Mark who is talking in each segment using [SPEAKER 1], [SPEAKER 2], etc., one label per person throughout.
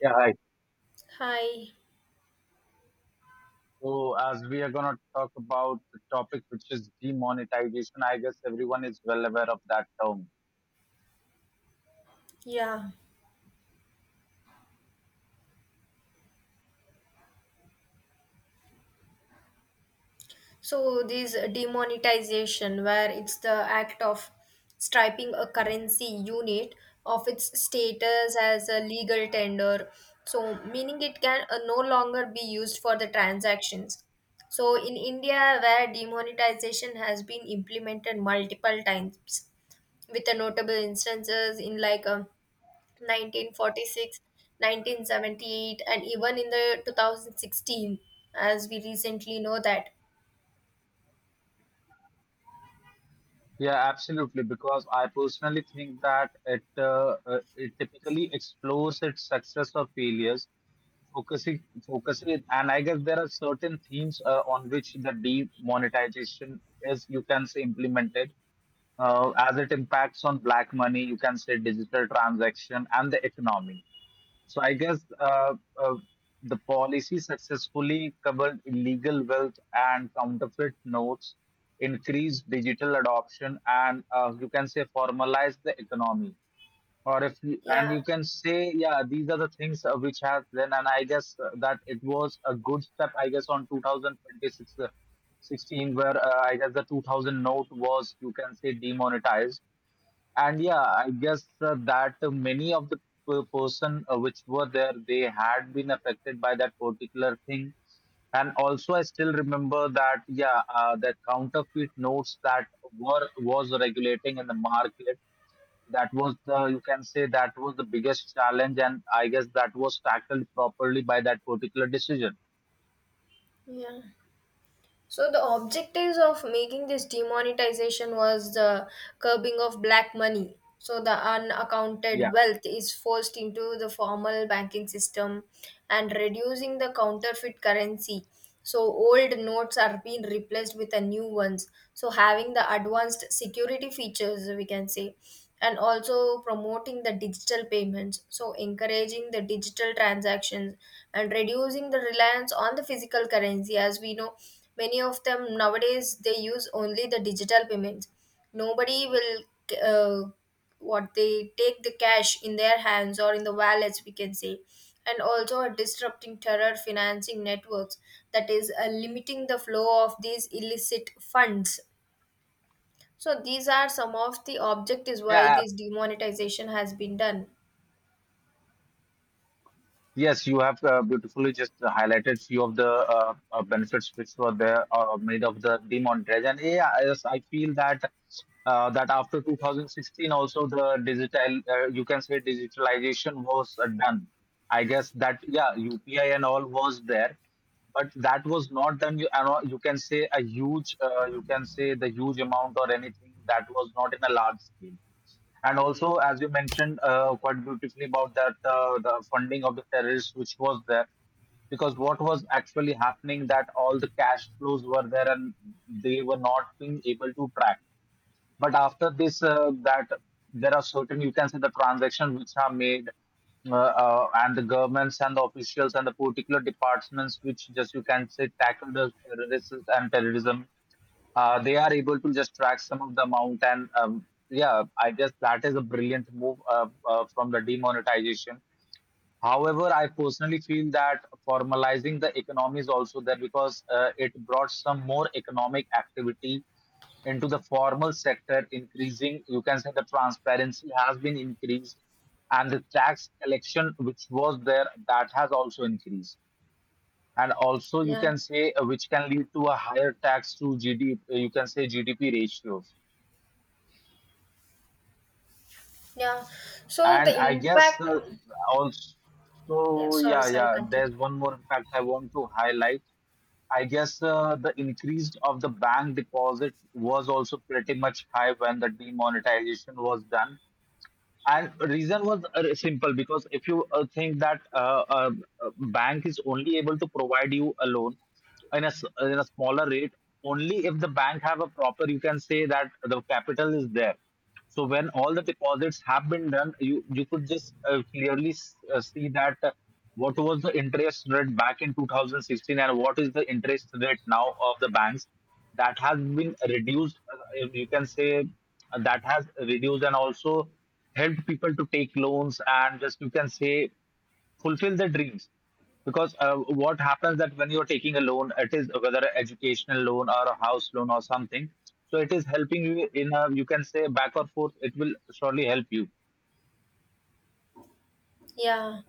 [SPEAKER 1] Yeah, hi.
[SPEAKER 2] Hi.
[SPEAKER 1] So, as we are going to talk about the topic which is demonetization, I guess everyone is well aware of that term.
[SPEAKER 2] Yeah. So this demonetization, where it's the act of stripping a currency unit of its status as a legal tender, so meaning it can no longer be used for the transactions. So in India, where demonetization has been implemented multiple times, with the notable instances in like 1946, 1978, and even in the 2016, as we recently know that.
[SPEAKER 1] Yeah, absolutely. Because I personally think that it typically explores its success or failures, focusing it, and I guess there are certain themes on which the demonetization is, you can say, implemented. As it impacts on black money, you can say, digital transaction and the economy. So I guess uh, the policy successfully covered illegal wealth and counterfeit notes, increased digital adoption, and you can say formalized the economy, or if you, and
[SPEAKER 2] Yeah,
[SPEAKER 1] you can say, yeah, these are the things which have then. And I guess that it was a good step I guess on 2026 16, where I guess the 2000 note was, you can say, demonetized. And yeah, I guess that many of the person which were there, they had been affected by that particular thing. And also, I still remember that, yeah, the counterfeit notes that were, was regulating in the market, that was the, you can say, that was the biggest challenge, and I guess that was tackled properly by that particular decision.
[SPEAKER 2] yeah. So the objectives of making this demonetization was the curbing of black money. So the unaccounted
[SPEAKER 1] Yeah,
[SPEAKER 2] wealth is forced into the formal banking system and reducing the counterfeit currency. So old notes are being replaced with the new ones. So having the advanced security features, we can say, and also promoting the digital payments. So encouraging the digital transactions and reducing the reliance on the physical currency, as we know many of them nowadays they use only the digital payments. Nobody will, uh, what, they take the cash in their hands or in the wallets, we can say, and also a disrupting terror financing networks, that is limiting the flow of these illicit funds. So these are some of the objectives why
[SPEAKER 1] yeah.
[SPEAKER 2] this demonetization has been done.
[SPEAKER 1] Yes, you have beautifully just highlighted few of the benefits which were there or made of the demonetization. And yeah, yes, I feel that that after 2016 also the digital, you can say, digitalization was done. I guess that, yeah, UPI and all was there, but that was not done. You, you can say a huge, you can say the huge amount or anything, that was not in a large scale. And also, as you mentioned quite beautifully about that, the funding of the terrorists, which was there, because what was actually happening, that all the cash flows were there and they were not being able to track. But after this, that there are certain, you can say, the transactions which are made, and the governments and the officials and the particular departments which just, you can say, tackle the terrorists and terrorism, they are able to just track some of the amount. And yeah, I guess that is a brilliant move from the demonetization. However, I personally feel that formalizing the economy is also there, because it brought some more economic activity into the formal sector. Increasing, you can say, the transparency has been increased, and the tax collection which was there, that has also increased. And also, you
[SPEAKER 2] Yeah,
[SPEAKER 1] can say, which can lead to a higher tax to GDP, you can say, GDP ratios.
[SPEAKER 2] yeah. So the
[SPEAKER 1] And I guess
[SPEAKER 2] impact,
[SPEAKER 1] uh,
[SPEAKER 2] yeah,
[SPEAKER 1] also,
[SPEAKER 2] sorry
[SPEAKER 1] yeah,
[SPEAKER 2] sorry
[SPEAKER 1] yeah,
[SPEAKER 2] continue.
[SPEAKER 1] there's one more fact I want to highlight. I guess the increase of the bank deposit was also pretty much high when the demonetization was done. And reason was simple, because if you think that bank is only able to provide you a loan in a, in a smaller rate, only if the bank have a proper, you can say, that the capital is there. So when all the deposits have been done, you could just clearly see that what was the interest rate back in 2016 and what is the interest rate now of the banks, that has been reduced, you can say, that has reduced. And also helped people to take loans and just, you can say, fulfill their dreams, because what happens that when you're taking a loan, it is whether an educational loan or a house loan or something, so it is helping you in a, you can say, back or forth, it will surely help you.
[SPEAKER 2] Yeah.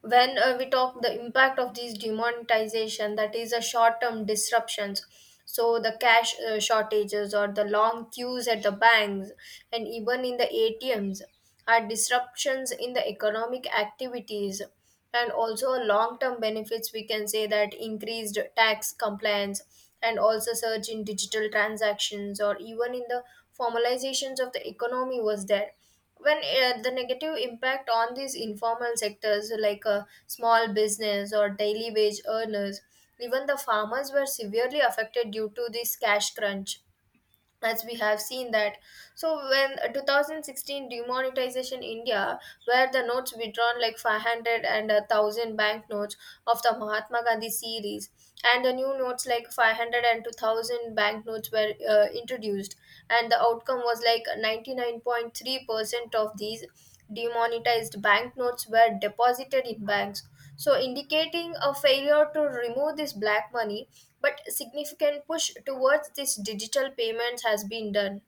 [SPEAKER 2] When we talk the impact of these demonetization, that is a short-term disruptions. So the cash shortages or the long queues at the banks and even in the ATMs are disruptions in the economic activities, and also long term benefits, we can say, that increased tax compliance and also surge in digital transactions or even in the formalizations of the economy was there. When the negative impact on these informal sectors, like small business or daily wage earners, even the farmers were severely affected due to this cash crunch, as we have seen that. So when 2016 demonetization India, where the notes withdrawn like 500 and 1000 banknotes of the Mahatma Gandhi series, and the new notes like five hundred and two thousand and 2000 banknotes were introduced, and the outcome was like 99.3% of these demonetized banknotes were deposited in banks, so indicating a failure to remove this black money, but significant push towards this digital payments has been done.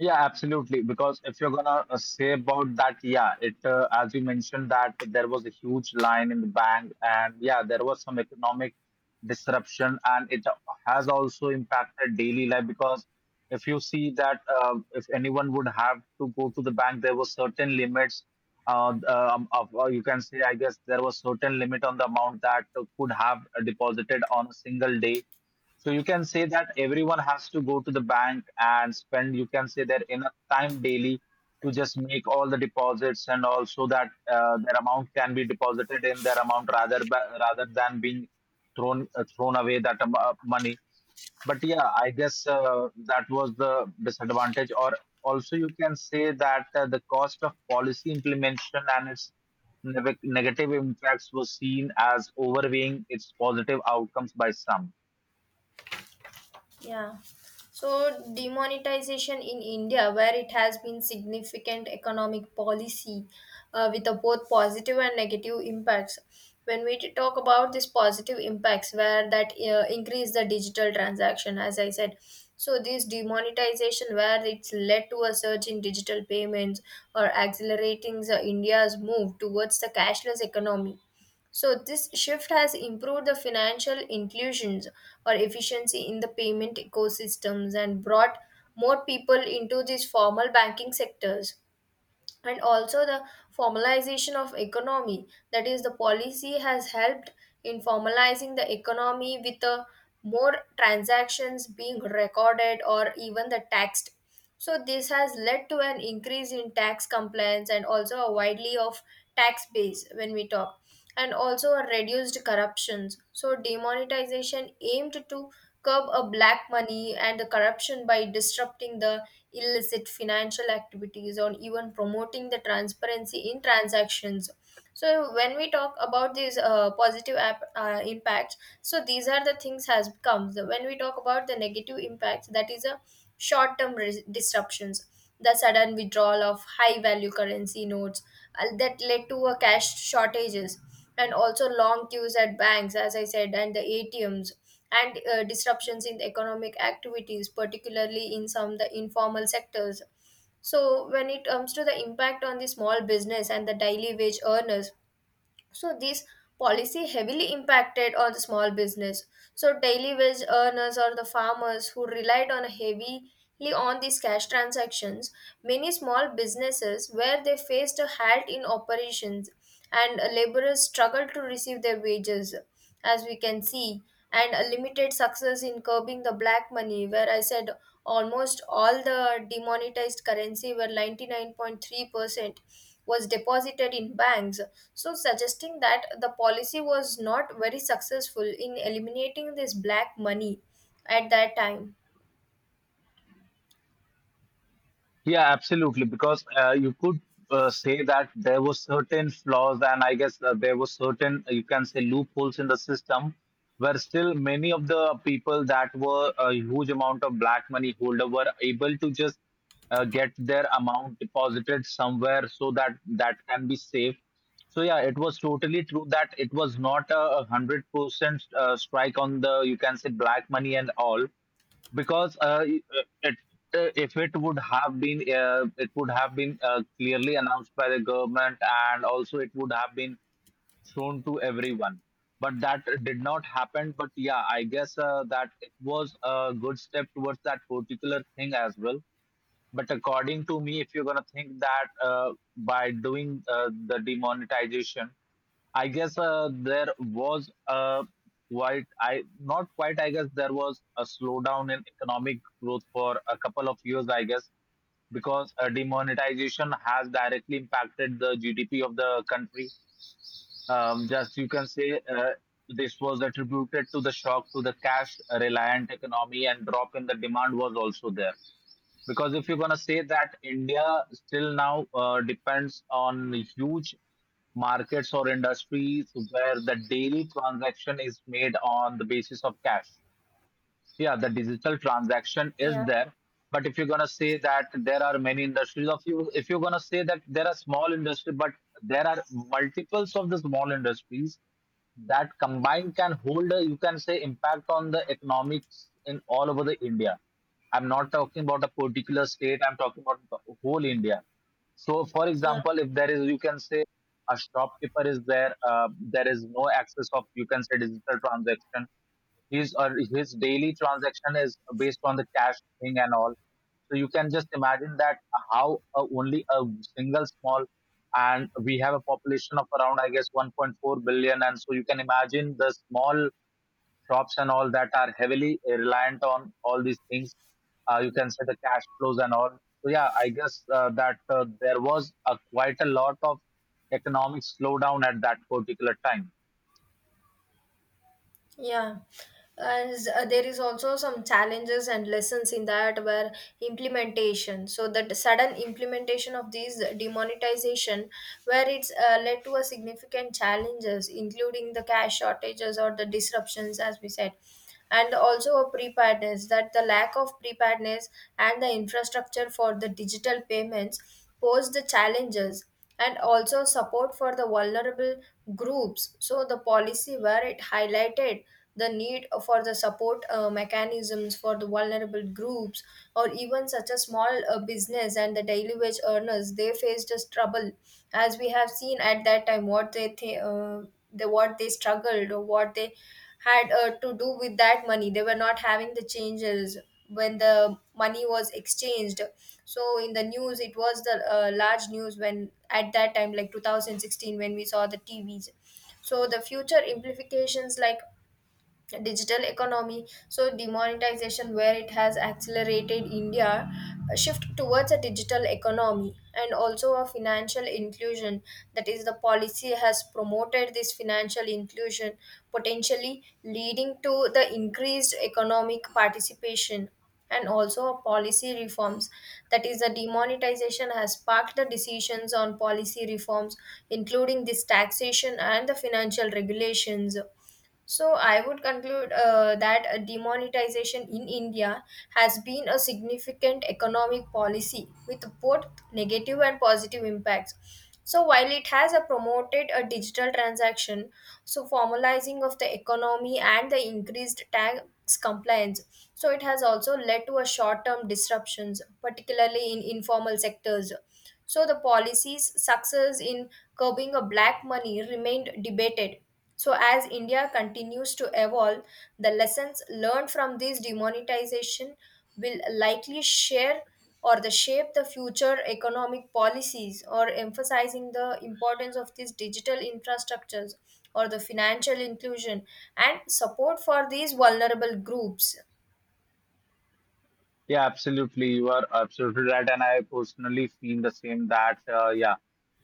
[SPEAKER 1] Yeah, absolutely. Because if you're gonna say about that, yeah, it as you mentioned that there was a huge line in the bank, and yeah, there was some economic disruption, and it has also impacted daily life, because if you see that, if anyone would have to go to the bank, there were certain limits. You can say, I guess there was certain limit on the amount that could have deposited on a single day. So you can say that everyone has to go to the bank and spend, you can say, that enough time daily to just make all the deposits. And also that their amount can be deposited in their amount, rather rather than being thrown away that money. But yeah, I guess that was the disadvantage. Or also you can say that the cost of policy implementation and its negative impacts was seen as overweighing its positive outcomes by some.
[SPEAKER 2] Yeah. So, demonetization in India, where it has been significant economic policy with a both positive and negative impacts. When we talk about this positive impacts, where that increase the digital transaction, as I said, so this demonetization, where it's led to a surge in digital payments or accelerating the India's move towards the cashless economy, so this shift has improved the financial inclusions or efficiency in the payment ecosystems and brought more people into these formal banking sectors, and also the formalization of economy, that is the policy has helped in formalizing the economy with the more transactions being recorded or even the taxed. So this has led to an increase in tax compliance and also a widely of tax base when we talk, and also a reduced corruptions. So demonetization aimed to curb a black money and the corruption by disrupting the illicit financial activities or even promoting the transparency in transactions. So when we talk about these impacts, so these are the things has comes. When we talk about the negative impacts, that is a short term disruptions, the sudden withdrawal of high value currency notes, that led to a cash shortages and also long queues at banks, as I said, and the ATMs, and disruptions in the economic activities, particularly in some of the informal sectors. So when it comes to the impact on the small business and the daily wage earners, so this policy heavily impacted on the small business. So daily wage earners or the farmers who relied on heavily on these cash transactions, many small businesses where they faced a halt in operations and laborers struggled to receive their wages, as we can see, and a limited success in curbing the black money, where I said almost all the demonetized currency where 99.3% was deposited in banks. So, suggesting that the policy was not very successful in eliminating this black money at that time.
[SPEAKER 1] Yeah, absolutely. Because you could say that there were certain flaws, and I guess there were certain, you can say, loopholes in the system, where still many of the people that were a huge amount of black money holder were able to just get their amount deposited somewhere, so that that can be safe. So yeah, it was totally true that it was not 100% strike on the, you can say, black money and all, because if it would have been, it would have been clearly announced by the government, and also it would have been shown to everyone, but that did not happen. But yeah, I guess that it was a good step towards that particular thing as well. But according to me, if you're going to think that by doing the demonetization, I guess there was a quite I not quite, I guess there was a slowdown in economic growth for a couple of years I guess, because demonetization has directly impacted the GDP of the country. Just, you can say, this was attributed to the shock to the cash reliant economy, and drop in the demand was also there. Because if you're gonna say that India still now depends on huge markets or industries where the daily transaction is made on the basis of cash. Yeah, the digital transaction is
[SPEAKER 2] Yeah,
[SPEAKER 1] there. But if you're gonna say that there are many industries of you, if you're gonna say that there are small industry, but there are multiples of the small industries that combined can hold a, you can say, impact on the economics in all over the India. I'm not talking about a particular state, I'm talking about the whole India. So for
[SPEAKER 2] yeah.
[SPEAKER 1] example, if there is, you can say, a shopkeeper is there, there is no access of, you can say, digital transaction, his or his daily transaction is based on the cash thing and all. So you can just imagine that how only a single small, and we have a population of around I guess 1.4 billion, and so you can imagine the small shops and all that are heavily reliant on all these things. You can say the cash flows and all. So yeah, I guess that there was a quite a lot of economic slowdown at that particular time.
[SPEAKER 2] Yeah, as there is also some challenges and lessons in that where implementation. So that sudden implementation of these demonetization, where it's led to a significant challenges, including the cash shortages or the disruptions, as we said, and also a preparedness, that the lack of preparedness and the infrastructure for the digital payments pose the challenges, and also support for the vulnerable groups. So the policy where it highlighted the need for the support mechanisms for the vulnerable groups, or even such a small business and the daily wage earners, they faced a trouble, as we have seen at that time what they th- the what they struggled or what they had to do with that money. They were not having the changes when the money was exchanged. So in the news, it was the large news when at that time, like 2016, when we saw the TVs. So the future implications like digital economy, so demonetization where it has accelerated India a shift towards a digital economy, and also a financial inclusion, that is the policy has promoted this financial inclusion potentially leading to the increased economic participation, and also a policy reforms, that is the demonetization has sparked the decisions on policy reforms including this taxation and the financial regulations. So I would conclude that demonetization in India has been a significant economic policy with both negative and positive impacts. So while it has a promoted a digital transaction, so formalizing of the economy and the increased tax compliance, so it has also led to a short-term disruptions, particularly in informal sectors. So the policy's success in curbing a black money remained debated. So as India continues to evolve, the lessons learned from this demonetization will likely share or the shape the future economic policies, or emphasizing the importance of these digital infrastructures or the financial inclusion and support for these vulnerable groups.
[SPEAKER 1] Yeah, absolutely. You are absolutely right. And I personally feel the same that, yeah,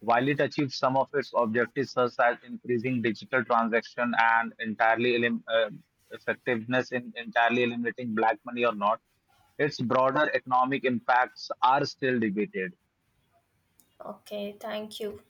[SPEAKER 1] while it achieves some of its objectives, such as increasing digital transaction and entirely elim effectiveness in entirely eliminating black money or not, its broader economic impacts are still debated.
[SPEAKER 2] Okay, thank you.